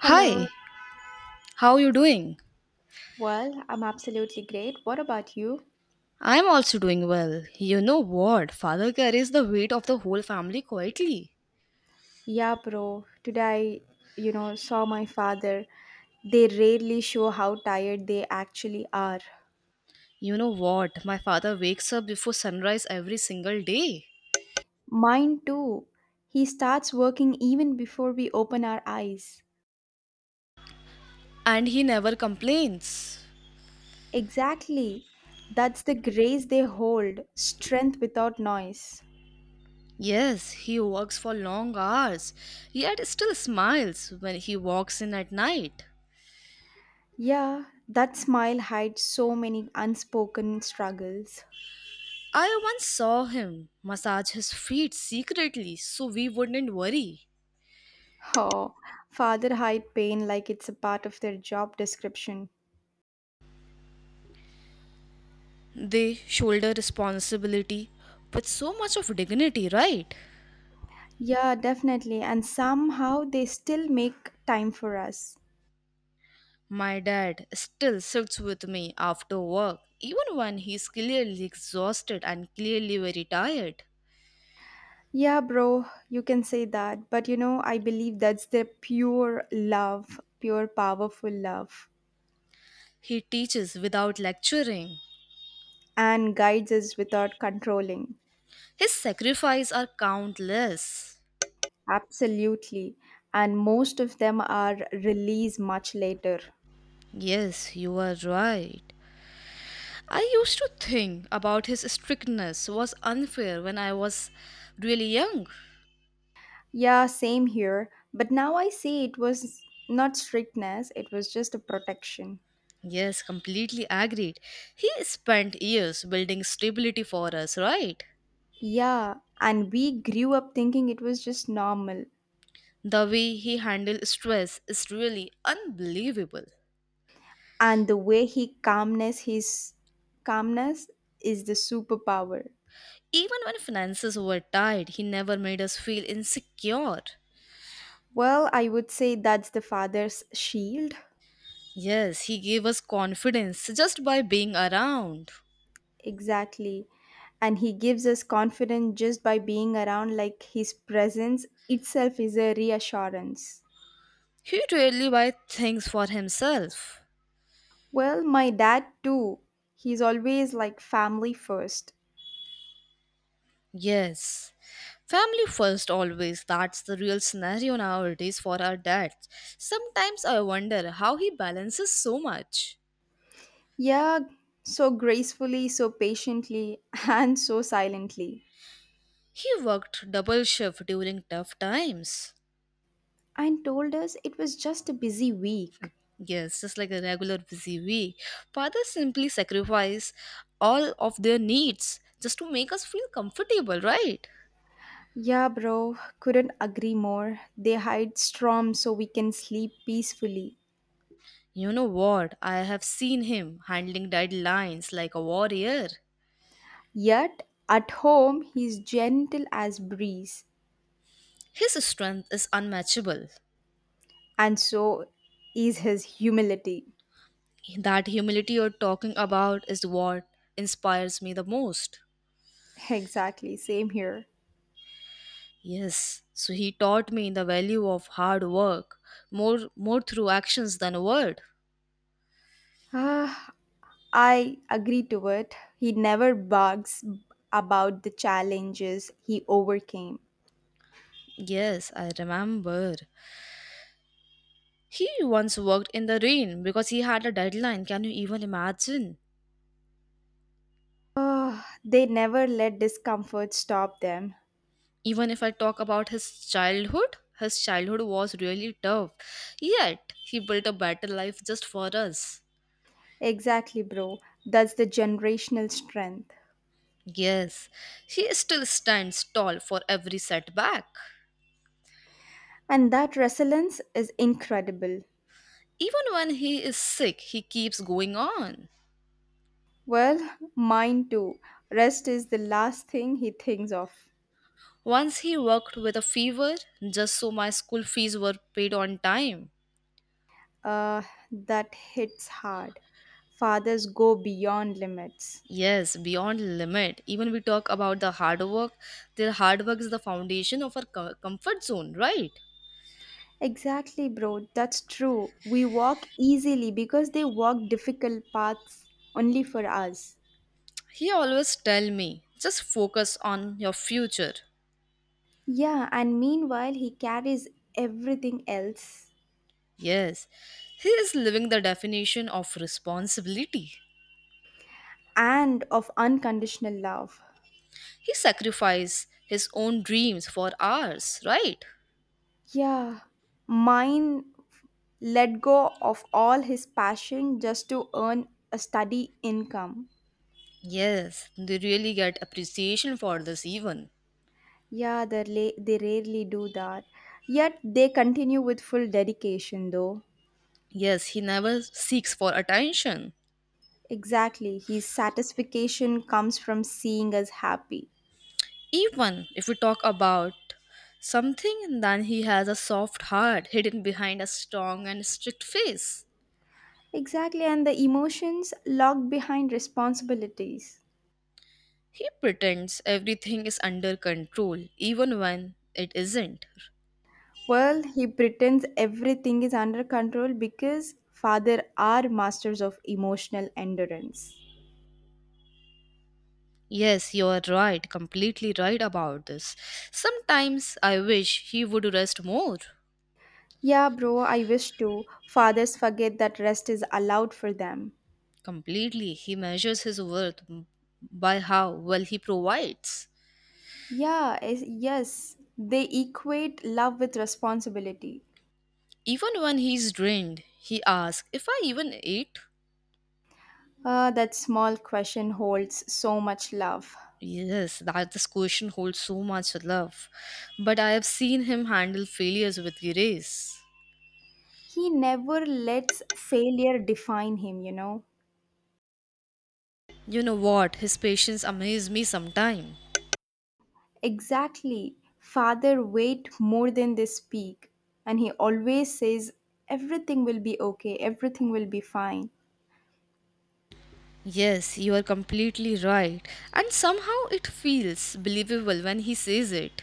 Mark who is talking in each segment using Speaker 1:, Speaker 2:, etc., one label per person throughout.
Speaker 1: Hi,
Speaker 2: Hello.
Speaker 1: how you doing?
Speaker 2: Well, I'm absolutely great. What about you?
Speaker 1: I'm also doing well. You know what? Father carries the weight of the whole family quietly.
Speaker 2: Yeah, bro. Today, saw my father. They rarely show how tired they actually are.
Speaker 1: You know what? My father wakes up before sunrise every single day
Speaker 2: Mine too. He starts working even before we open our eyes.
Speaker 1: and he never complains.
Speaker 2: Exactly. That's the grace they hold, strength without noise.
Speaker 1: Yes, he works for long hours, yet still smiles when he walks in at night.
Speaker 2: Yeah, that smile hides so many unspoken struggles.
Speaker 1: I once saw him massage his feet secretly so we wouldn't worry.
Speaker 2: Oh, father hide pain like it's a part of their job description.
Speaker 1: They shoulder responsibility with so much of dignity, right?
Speaker 2: Yeah, definitely. And somehow they still make time for us.
Speaker 1: My dad still sits with me after work, even when he's clearly exhausted and clearly very tired.
Speaker 2: Yeah, bro, you can say that. But I believe that's their pure love, pure powerful love,
Speaker 1: He teaches without lecturing.
Speaker 2: and guides us without controlling.
Speaker 1: His sacrifices are countless.
Speaker 2: Absolutely. And most of them are released much later.
Speaker 1: Yes, you are right. I used to think about his strictness was unfair when I was really young.
Speaker 2: Yeah, same here. But now I see it was not strictness, it was just a protection.
Speaker 1: Yes, completely agreed. He spent years building stability for us, right?
Speaker 2: Yeah, and we grew up thinking it was just normal.
Speaker 1: The way he handled stress is really unbelievable.
Speaker 2: And the way he calmness his calmness is the superpower.
Speaker 1: Even when finances were tight, he never made us feel insecure.
Speaker 2: Well, I would say that's the father's shield.
Speaker 1: Yes, he gave us confidence just by being around.
Speaker 2: Exactly. And he gives us confidence just by being around, like his presence itself is a reassurance.
Speaker 1: He rarely buy things for himself.
Speaker 2: Well, my dad too. He's always like family first.
Speaker 1: Yes. Family first always, that's the real scenario nowadays for our dads. Sometimes I wonder how he balances so much.
Speaker 2: Yeah, so gracefully, so patiently, and so silently.
Speaker 1: He worked double shift during tough times.
Speaker 2: And told us it was just a busy week.
Speaker 1: Yes, just like a regular busy we. Fathers simply sacrifice all of their needs just to make us feel comfortable, right?
Speaker 2: Yeah, bro, couldn't agree more. They hide Strom so we can sleep peacefully.
Speaker 1: You know what? I have seen him handling deadlines like a warrior.
Speaker 2: Yet, at home, he's gentle as breeze,
Speaker 1: His strength is unmatchable.
Speaker 2: and so is his humility.
Speaker 1: That humility you're talking about is what inspires me the most.
Speaker 2: Exactly, same here.
Speaker 1: Yes, so he taught me the value of hard work more through actions than a word.
Speaker 2: Ah, I agree to it. He never bugs about the challenges he overcame.
Speaker 1: Yes, I remember. He once worked in the rain because he had a deadline. Can you even imagine?
Speaker 2: Ah, they never let discomfort stop them.
Speaker 1: Even if I talk about his childhood was really tough. Yet, he built a better life just for us.
Speaker 2: Exactly, bro. That's the generational strength.
Speaker 1: Yes, he still stands tall for every setback.
Speaker 2: And that resilience is incredible.
Speaker 1: Even when he is sick, he keeps going on.
Speaker 2: Well, mine too. Rest is the last thing he thinks of.
Speaker 1: Once he worked with a fever just so my school fees were paid on time.
Speaker 2: Uh, that hits hard. Fathers go beyond limits.
Speaker 1: Yes, beyond limit. Even we talk about the hard work. Their hard work is the foundation of our comfort zone, right?
Speaker 2: Exactly, bro. That's true. We walk easily because they walk difficult paths only for us.
Speaker 1: He always tell me, just focus on your future.
Speaker 2: Yeah, and meanwhile, he carries everything else
Speaker 1: Yes, he is living the definition of responsibility.
Speaker 2: and of unconditional love.
Speaker 1: He sacrificed his own dreams for ours, right?
Speaker 2: Yeah, mine let go of all his passion just to earn a steady income.
Speaker 1: Yes, they really get appreciation for this even.
Speaker 2: Yeah, they rarely do that. Yet they continue with full dedication, though.
Speaker 1: Yes, he never seeks for attention.
Speaker 2: Exactly, his satisfaction comes from seeing us happy.
Speaker 1: Even if we talk about something, then he has a soft heart hidden behind a strong and strict face.
Speaker 2: Exactly, and the emotions locked behind responsibilities.
Speaker 1: He pretends everything is under control, even when it isn't.
Speaker 2: Well, he pretends everything is under control because father are masters of emotional endurance.
Speaker 1: Yes, you are right, completely right about this. Sometimes I wish he would rest more.
Speaker 2: Yeah, bro, I wish to. Fathers forget that rest is allowed for them.
Speaker 1: Completely, he measures his worth by how well he provides.
Speaker 2: Yeah, yes, they equate love with responsibility.
Speaker 1: Even when he's drained, he asks if I even ate.
Speaker 2: Ah, that small question holds so much love.
Speaker 1: Yes, that this question holds so much love. But I have seen him handle failures with grace.
Speaker 2: He never lets failure define him,
Speaker 1: You know what? His patience amazes me sometimes.
Speaker 2: Exactly. Father wait more than they speak, and he always says everything will be okay, everything will be fine.
Speaker 1: Yes, you are completely right. And somehow it feels believable when he says it.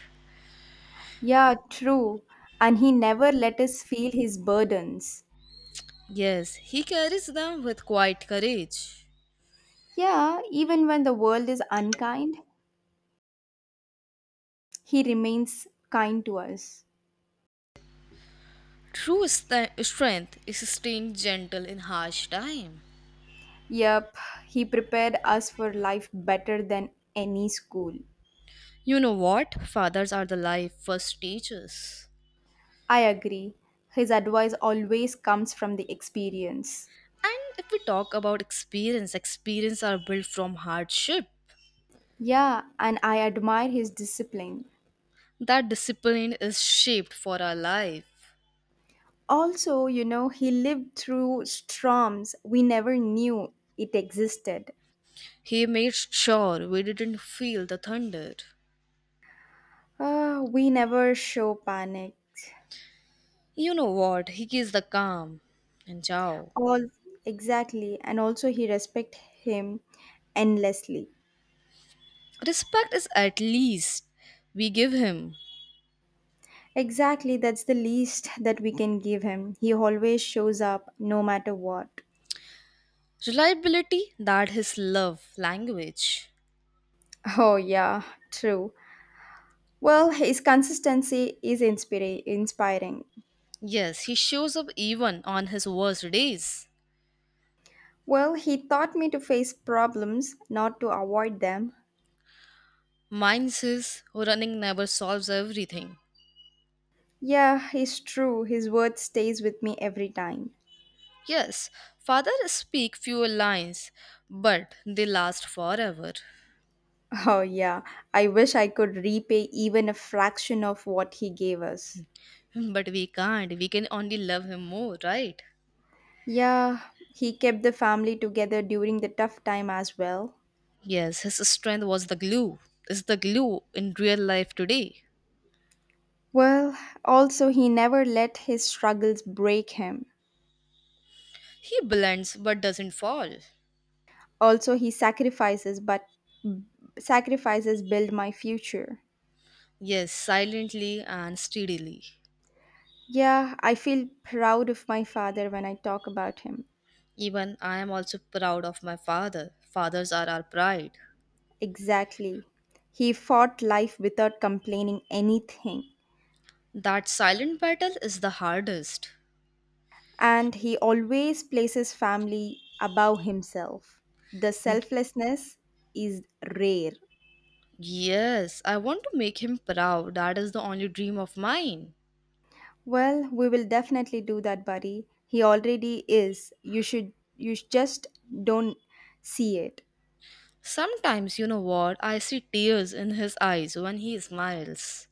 Speaker 2: Yeah, true. And he never let us feel his burdens.
Speaker 1: Yes, he carries them with quiet courage.
Speaker 2: Yeah, even when the world is unkind, he remains kind to us.
Speaker 1: True strength is staying gentle in harsh time.
Speaker 2: Yep, he prepared us for life better than any school.
Speaker 1: You know what? Fathers are the life first teachers.
Speaker 2: I agree. His advice always comes from the experience.
Speaker 1: And if we talk about experience, experience are built from hardship.
Speaker 2: Yeah, and I admire his discipline.
Speaker 1: That discipline is shaped for our life.
Speaker 2: Also, he lived through storms we never knew it existed.
Speaker 1: He made sure we didn't feel the thunder.
Speaker 2: Ah, we never show panic.
Speaker 1: You know what? He gives the calm and ciao.
Speaker 2: All exactly, and also he respect him endlessly.
Speaker 1: Respect is at least we give him.
Speaker 2: Exactly, that's the least that we can give him. He always shows up no matter what.
Speaker 1: Reliability, that his love language.
Speaker 2: Oh, yeah, true. Well, his consistency is inspiring.
Speaker 1: Yes, he shows up even on his worst days.
Speaker 2: Well, he taught me to face problems, not to avoid them.
Speaker 1: Mine says running never solves everything.
Speaker 2: Yeah, it's true. His word stays with me every time.
Speaker 1: Yes, father speak few lines, but they last forever.
Speaker 2: Oh, yeah. I wish I could repay even a fraction of what he gave us.
Speaker 1: But we can't. We can only love him more, right?
Speaker 2: Yeah, he kept the family together during the tough time as well.
Speaker 1: Yes, his strength was the glue. Is the glue in real life today.
Speaker 2: Well, also, he never let his struggles break him.
Speaker 1: He blends but doesn't fall.
Speaker 2: Also, he sacrifices, but sacrifices build my future.
Speaker 1: Yes, silently and steadily.
Speaker 2: Yeah, I feel proud of my father when I talk about him.
Speaker 1: Even I am also proud of my father. Fathers are our pride.
Speaker 2: Exactly. He fought life without complaining anything,
Speaker 1: That silent battle is the hardest.
Speaker 2: and he always places family above himself. The selflessness is rare.
Speaker 1: Yes, I want to make him proud. That is the only dream of mine.
Speaker 2: Well, we will definitely do that, buddy. He already is. You just don't see it.
Speaker 1: Sometimes, you know what, I see tears in his eyes when he smiles.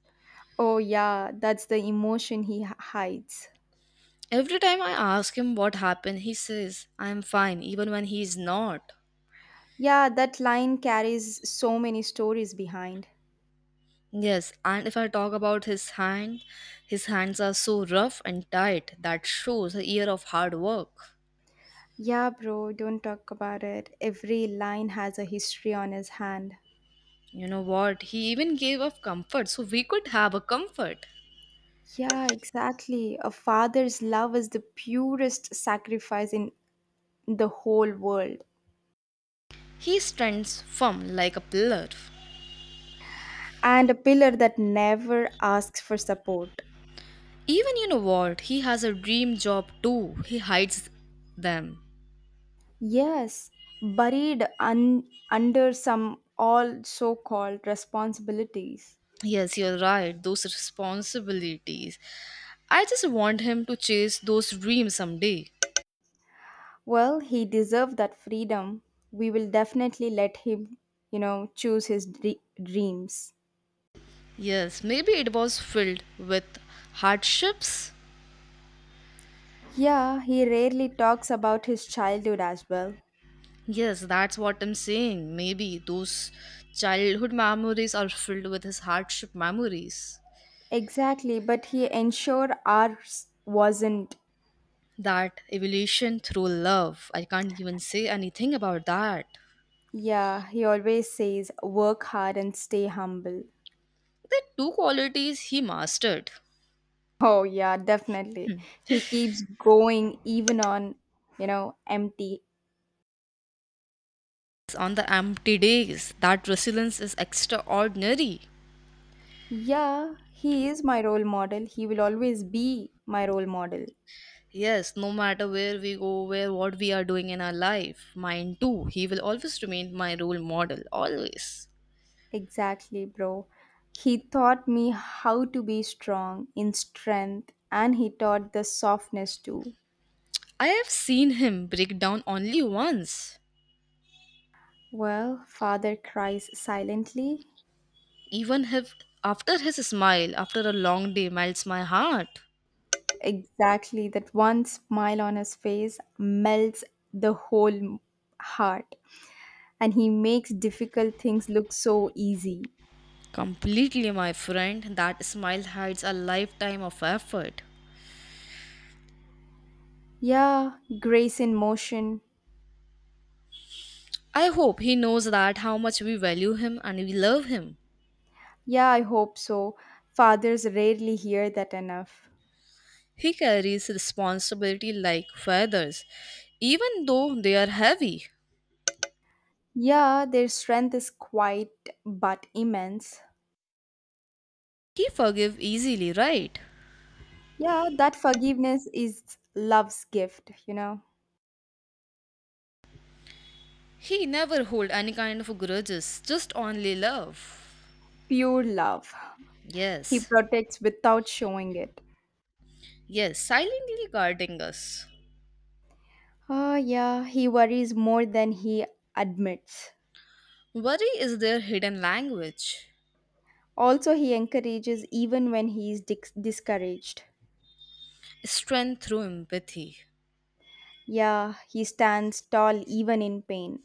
Speaker 2: Oh yeah, that's the emotion he hides.
Speaker 1: Every time I ask him what happened, he says, I am fine, even when he is not.
Speaker 2: Yeah, that line carries so many stories behind.
Speaker 1: Yes, and if I talk about his hand, his hands are so rough and tight that shows a year of hard work.
Speaker 2: Yeah, bro, don't talk about it. Every line has a history on his hand.
Speaker 1: You know what, he even gave up comfort so we could have a comfort.
Speaker 2: Yeah, exactly. A father's love is the purest sacrifice in the whole world
Speaker 1: He stands firm like a pillar.
Speaker 2: and a pillar that never asks for support.
Speaker 1: Even you know what, he has a dream job too. He hides them.
Speaker 2: Yes, under some all so called responsibilities.
Speaker 1: Yes, you're right. Those responsibilities. I just want him to chase those dreams someday.
Speaker 2: Well, he deserved that freedom. We will definitely let him, choose his dreams.
Speaker 1: Yes, maybe it was filled with hardships.
Speaker 2: Yeah, he rarely talks about his childhood as well.
Speaker 1: Yes, that's what I'm saying. Maybe those childhood memories are filled with his hardship memories.
Speaker 2: Exactly, but he ensured ours wasn't.
Speaker 1: That evolution through love. I can't even say anything about that.
Speaker 2: Yeah, he always says work hard and stay humble.
Speaker 1: The two qualities he mastered.
Speaker 2: Oh yeah, definitely. He keeps going even on, empty.
Speaker 1: On the empty days, that resilience is extraordinary.
Speaker 2: Yeah, he is my role model. He will always be my role model.
Speaker 1: Yes, no matter where we go, where what we are doing in our life, mine too, he will always remain my role model, always.
Speaker 2: Exactly, bro. He taught me how to be strong in strength and he taught the softness too.
Speaker 1: I have seen him break down only once.
Speaker 2: Well, father cries silently.
Speaker 1: Even if after his smile, after a long day, melts my heart.
Speaker 2: Exactly, that one smile on his face melts the whole heart and he makes difficult things look so easy.
Speaker 1: Completely, my friend, that smile hides a lifetime of effort.
Speaker 2: Yeah, grace in motion.
Speaker 1: I hope he knows that how much we value him and we love him.
Speaker 2: Yeah, I hope so. Fathers rarely hear that enough.
Speaker 1: He carries responsibility like feathers, even though they are heavy.
Speaker 2: Yeah, their strength is quite but immense.
Speaker 1: He forgive easily, right?
Speaker 2: Yeah, that forgiveness is love's gift,
Speaker 1: He never hold any kind of grudges, just only love.
Speaker 2: pure love. He
Speaker 1: Yes,
Speaker 2: protects without showing it.
Speaker 1: yes, silently guarding us.
Speaker 2: Ah, yeah, he worries more than he admits.
Speaker 1: Worry is their hidden language.
Speaker 2: Also, he encourages even when he is discouraged.
Speaker 1: Strength through empathy.
Speaker 2: Yeah, he stands tall even in pain.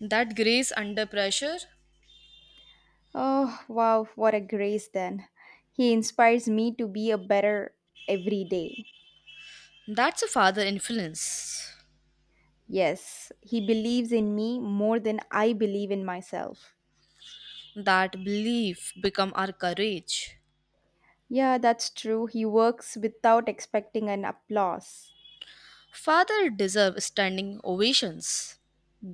Speaker 1: That grace under pressure,
Speaker 2: Oh, wow, what a grace then. He inspires me to be a better every day.
Speaker 1: that's a father influence.
Speaker 2: Yes, he believes in me more than I believe in myself.
Speaker 1: That belief become our courage.
Speaker 2: Yeah, that's true. He works without expecting an applause.
Speaker 1: Father deserve standing ovations.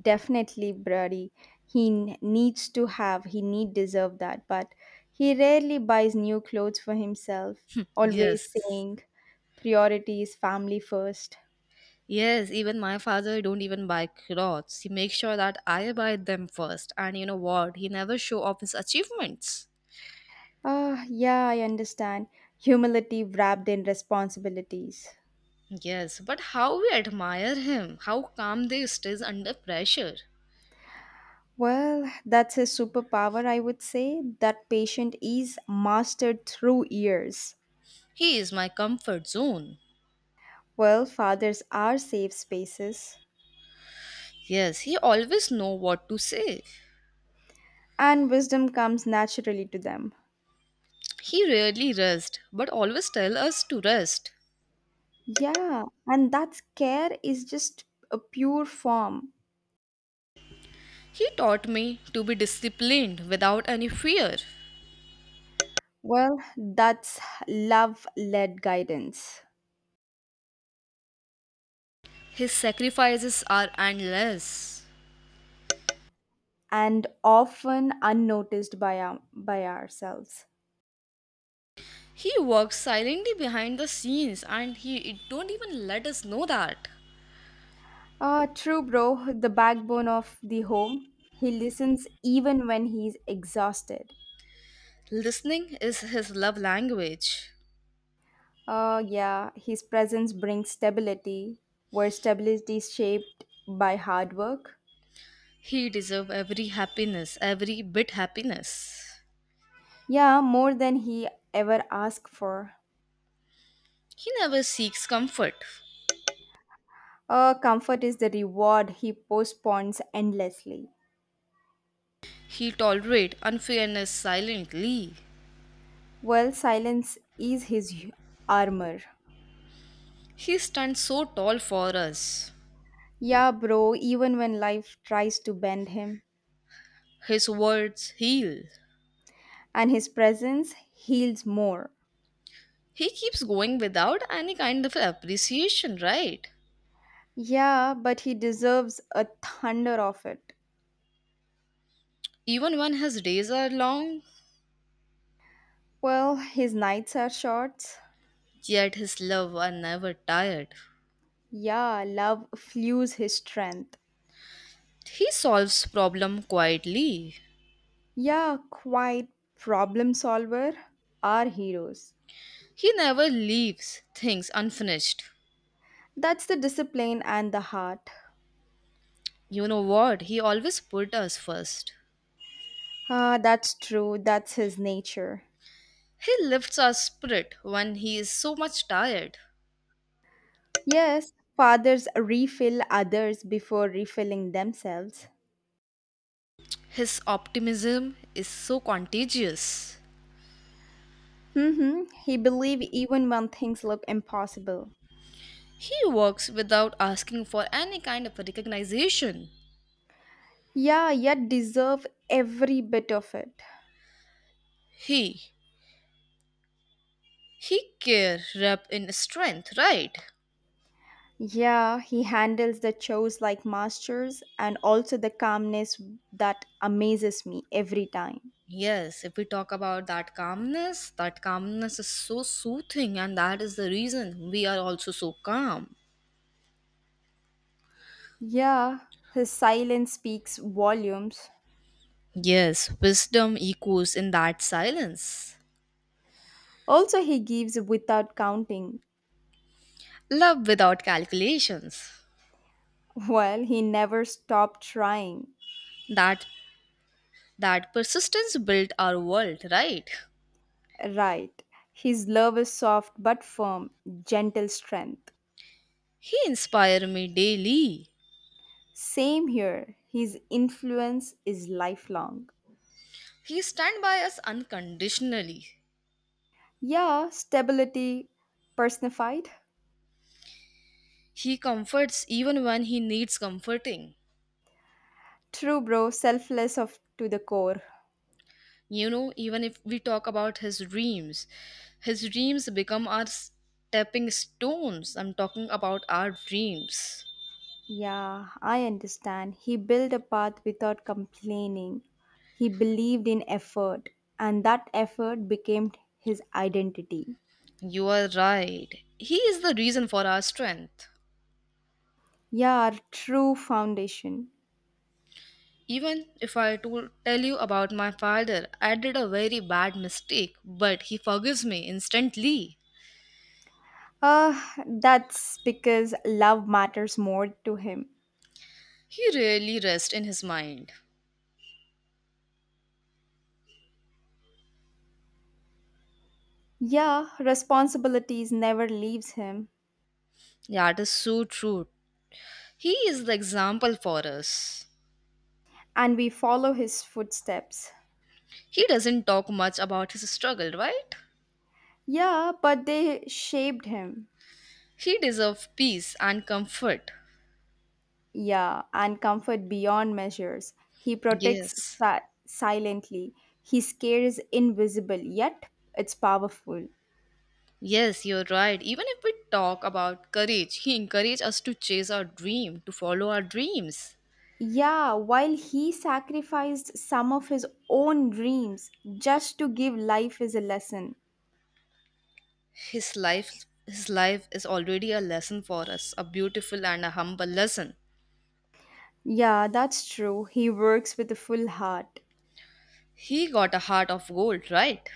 Speaker 2: Definitely, Brady. He n- needs to have, he need deserve that, but he rarely buys new clothes for himself, always
Speaker 1: Yes.
Speaker 2: saying priority is family first.
Speaker 1: Yes, even my father don't even buy clothes. He makes sure that I buy them first. And you know what? He never show off his achievements.
Speaker 2: Ah, yeah, I understand. Humility wrapped in responsibilities.
Speaker 1: Yes, but how we admire him. How calm they stays under pressure.
Speaker 2: Well, that's a superpower, I would say. That patient is mastered through years.
Speaker 1: He is my comfort zone.
Speaker 2: Well, fathers are safe spaces,
Speaker 1: Yes, he always know what to say.
Speaker 2: and wisdom comes naturally to them.
Speaker 1: He rarely rest, but always tell us to rest.
Speaker 2: Yeah, and that care is just a pure form.
Speaker 1: He taught me to be disciplined without any fear.
Speaker 2: Well, that's love led guidance,
Speaker 1: His sacrifices are endless.
Speaker 2: and often unnoticed by ourselves.
Speaker 1: He works silently behind the scenes and he it don't even let us know that.
Speaker 2: Ah, true, bro. The backbone of the home. He listens even when he's exhausted.
Speaker 1: Listening is his love language.
Speaker 2: Ah, yeah. His presence brings stability, where stability is shaped by hard work.
Speaker 1: He deserves every happiness, every bit happiness.
Speaker 2: Yeah, more than he ever asked for.
Speaker 1: He never seeks comfort.
Speaker 2: Ah, comfort is the reward he postpones endlessly.
Speaker 1: He tolerates unfairness silently.
Speaker 2: Well, silence is his armor.
Speaker 1: He stands so tall for us.
Speaker 2: Yeah, bro. Even when life tries to bend him,
Speaker 1: His words heal.
Speaker 2: and his presence heals more.
Speaker 1: He keeps going without any kind of appreciation, right?
Speaker 2: Yeah, but he deserves a thunder of it.
Speaker 1: Even when his days are long,
Speaker 2: Well, his nights are short.
Speaker 1: yet his love are never tired.
Speaker 2: Yeah, love fuels his strength.
Speaker 1: He solves problem quietly.
Speaker 2: Yeah, quite problem solver. Our heroes.
Speaker 1: He never leaves things unfinished.
Speaker 2: That's the discipline and the heart.
Speaker 1: You know what? He always put us first.
Speaker 2: Ah, that's true. That's his nature.
Speaker 1: He lifts our spirit when he is so much tired.
Speaker 2: Yes, fathers refill others before refilling themselves.
Speaker 1: His optimism is so contagious.
Speaker 2: Mm-hmm. He believed even when things look impossible.
Speaker 1: He works without asking for any kind of recognition.
Speaker 2: Yeah, yet deserve every bit of it.
Speaker 1: He he care rep in strength, right?
Speaker 2: Yeah, he handles the shows like masters and also the calmness that amazes me every time.
Speaker 1: Yes, if we talk about that calmness is so soothing, and that is the reason we are also so calm.
Speaker 2: Yeah, his silence speaks volumes.
Speaker 1: Yes, wisdom echoes in that silence.
Speaker 2: Also, he gives without counting.
Speaker 1: Love without calculations.
Speaker 2: Well, he never stopped trying.
Speaker 1: That that persistence built our world, right?
Speaker 2: Right. His love is soft but firm, gentle strength.
Speaker 1: He inspire me daily.
Speaker 2: Same here. His influence is lifelong.
Speaker 1: He stand by us unconditionally.
Speaker 2: Yeah, stability personified.
Speaker 1: He comforts even when he needs comforting.
Speaker 2: True, bro, selfless of to the core.
Speaker 1: You know, even if we talk about his dreams, his dreams become our stepping stones. I'm talking about our dreams.
Speaker 2: Yeah, I understand. He built a path without complaining. He believed in effort, and that effort became his identity.
Speaker 1: You are right, he is the reason for our strength.
Speaker 2: Yeah, our true foundation.
Speaker 1: Even if I tell you about my father, I did a very bad mistake but he forgives me instantly.
Speaker 2: Ah, that's because love matters more to him.
Speaker 1: He really rests in his mind.
Speaker 2: Yeah, responsibilities never leaves him,
Speaker 1: That is so true. He is the example for us.
Speaker 2: and we follow his footsteps.
Speaker 1: He doesn't talk much about his struggle, right?
Speaker 2: Yeah, but they shaped him.
Speaker 1: He deserves peace and comfort.
Speaker 2: Yeah, and comfort beyond measures. He protects
Speaker 1: Yes.
Speaker 2: silently. He scares invisible, yet it's powerful.
Speaker 1: Yes, you're right. Even if we talk about courage, he encouraged us to chase our dream, to follow our dreams.
Speaker 2: Yeah, while he sacrificed some of his own dreams just to give life as a lesson.
Speaker 1: His life is already a lesson for us, a beautiful and a humble lesson.
Speaker 2: Yeah, that's true. He works with a full heart.
Speaker 1: He got a heart of gold, right?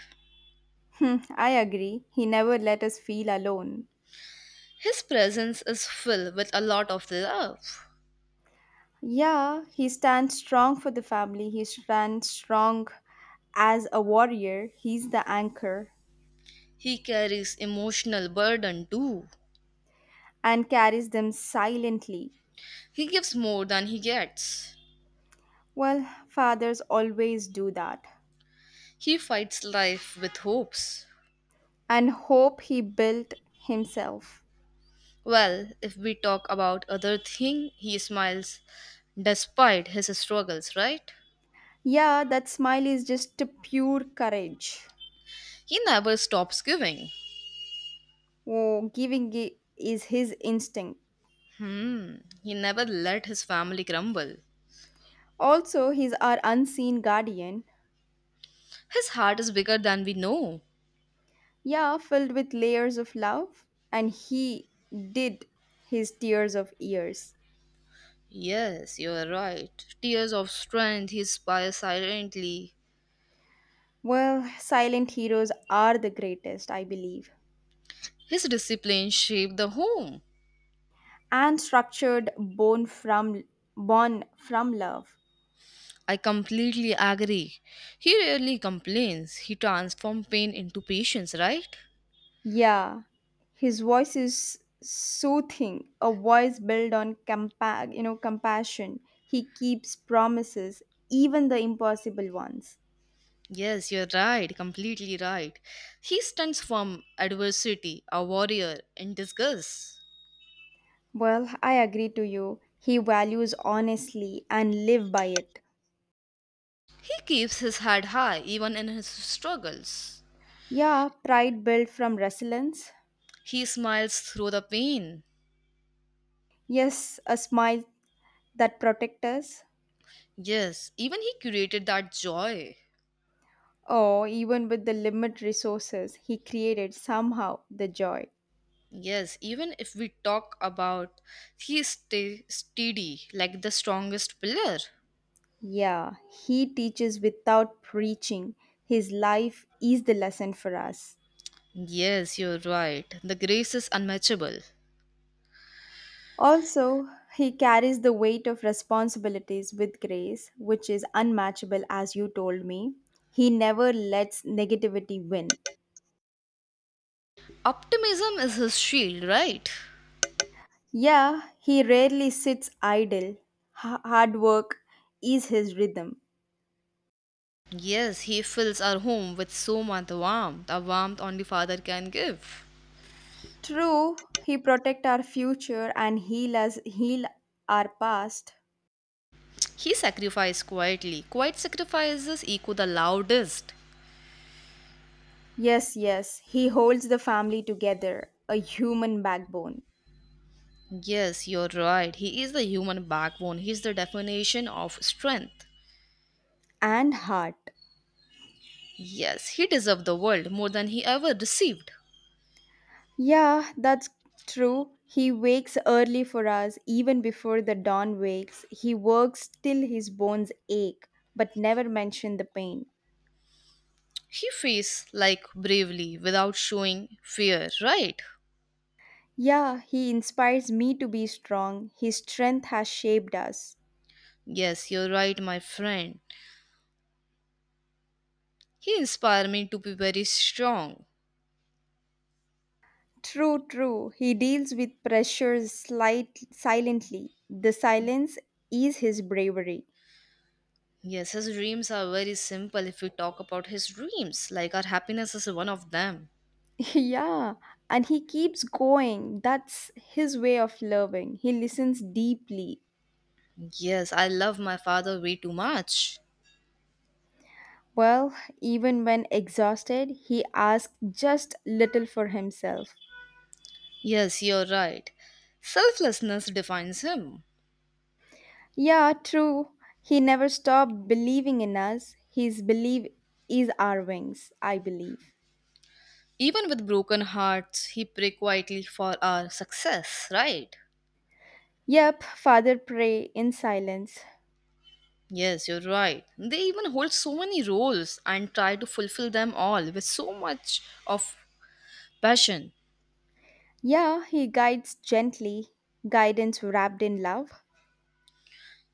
Speaker 2: Hmm, I agree. He never let us feel alone.
Speaker 1: His presence is filled with a lot of love.
Speaker 2: Yeah, he stands strong for the family. He stands strong as a warrior. He's the anchor.
Speaker 1: He carries emotional burden too.
Speaker 2: And carries them silently.
Speaker 1: He gives more than he gets.
Speaker 2: Well, fathers always do that
Speaker 1: He fights life with hopes.
Speaker 2: and hope he built himself.
Speaker 1: Well, if we talk about other thing, he smiles despite his struggles, right?
Speaker 2: Yeah, that smile is just pure courage.
Speaker 1: He never stops giving.
Speaker 2: Oh, giving is his instinct.
Speaker 1: Hmm, he never let his family crumble.
Speaker 2: Also, he's our unseen guardian.
Speaker 1: His heart is bigger than we know.
Speaker 2: Yeah, filled with layers of love, and he did his tears of years.
Speaker 1: Yes, you are right. Tears of strength he inspires silently.
Speaker 2: Well, silent heroes are the greatest, I believe.
Speaker 1: His discipline shaped the home.
Speaker 2: And structured born from love.
Speaker 1: I completely agree. He rarely complains. He transforms pain into patience, right?
Speaker 2: Yeah, his voice is soothing, a voice built on compassion he keeps promises, even the impossible ones.
Speaker 1: Yes, you're right, completely right. He stunts from adversity, a warrior in disguise.
Speaker 2: Well, I agree to you, he values honestly and live by it.
Speaker 1: He keeps his head high even in his struggles.
Speaker 2: Yeah, pride built from resilience.
Speaker 1: He smiles through the pain.
Speaker 2: Yes, a smile that protects us.
Speaker 1: Yes, even he created that joy.
Speaker 2: Oh, even with the limit resources he created somehow the joy.
Speaker 1: Yes, even if we talk about he stay steady like the strongest pillar.
Speaker 2: Yeah, he teaches without preaching. His life is the lesson for us.
Speaker 1: Yes, you're right. The grace is unmatchable.
Speaker 2: Also, he carries the weight of responsibilities with grace, which is unmatchable, as you told me. He never lets negativity win.
Speaker 1: Optimism is his shield, right?
Speaker 2: Yeah, he rarely sits idle. Hard work is his rhythm.
Speaker 1: Yes, he fills our home with so much warmth, a warmth only father can give.
Speaker 2: True, he protect our future and heal us, heal our past,
Speaker 1: He sacrificed quietly. Quiet sacrifices echo the loudest.
Speaker 2: yes, yes, he holds the family together, a human backbone
Speaker 1: Yes, you're right. He is the human backbone. He's the definition of strength.
Speaker 2: and heart.
Speaker 1: Yes, he deserved the world more than he ever received.
Speaker 2: Yeah, that's true. He wakes early for us, even before the dawn wakes. He works till his bones ache, but never mention the pain.
Speaker 1: He faced like bravely without showing fear, right?
Speaker 2: Yeah, he inspires me to be strong. His strength has shaped us.
Speaker 1: Yes, you're right, my friend. He inspired me to be very strong.
Speaker 2: True, true. He deals with pressures slight, silently. The silence is his bravery.
Speaker 1: Yes, his dreams are very simple if we talk about his dreams. Like our happiness is one of them.
Speaker 2: Yeah, and he keeps going. That's his way of loving. He listens deeply.
Speaker 1: Yes, I love my father way too much.
Speaker 2: Well, even when exhausted, he asks just little for himself.
Speaker 1: Yes, you're right. Selflessness defines him.
Speaker 2: Yeah, true. He never stopped believing in us. His belief is our wings, I believe.
Speaker 1: Even with broken hearts, he pray quietly for our success, right?
Speaker 2: Yep, father pray in silence.
Speaker 1: Yes, you're right. They even hold so many roles and try to fulfill them all with so much of passion.
Speaker 2: Yeah, he guides gently, guidance wrapped in love.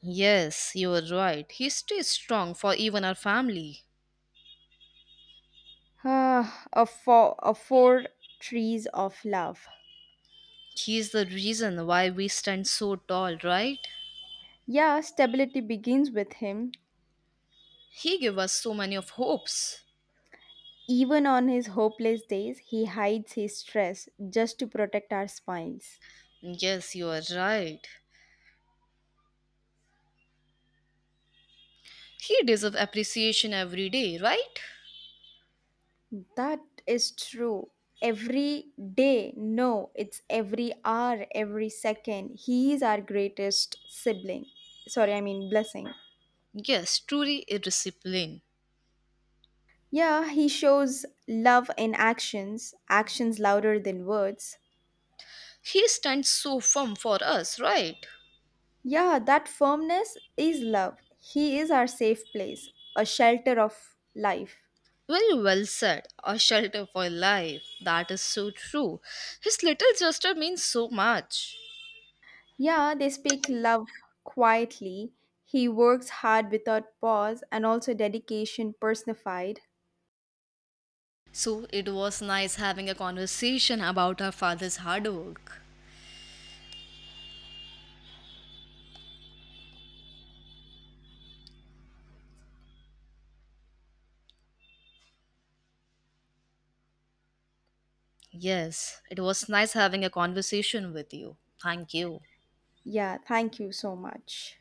Speaker 1: Yes, you're right. He stays strong for even our family.
Speaker 2: Ah, of four trees of love.
Speaker 1: He's the reason why we stand so tall, right?
Speaker 2: Yeah, stability begins with him.
Speaker 1: He gave us so many of hopes.
Speaker 2: Even on his hopeless days, he hides his stress just to protect our smiles.
Speaker 1: Yes, you are right. He deserves appreciation every day, right?
Speaker 2: That is true. Every day, no, it's every hour, every second. He is our greatest sibling. Sorry, I mean blessing.
Speaker 1: Yes, truly a discipline.
Speaker 2: Yeah, he shows love in actions, actions louder than words.
Speaker 1: He stands so firm for us, right?
Speaker 2: Yeah, that firmness is love. He is our safe place, a shelter of life.
Speaker 1: Very well said. A shelter for life. That is so true. His little gesture means so much.
Speaker 2: Yeah, they speak love quietly. He works hard without pause and also dedication personified.
Speaker 1: So it was nice having a conversation about our father's hard work. Yes, it was nice having a conversation with you. Thank you.
Speaker 2: Yeah, thank you so much.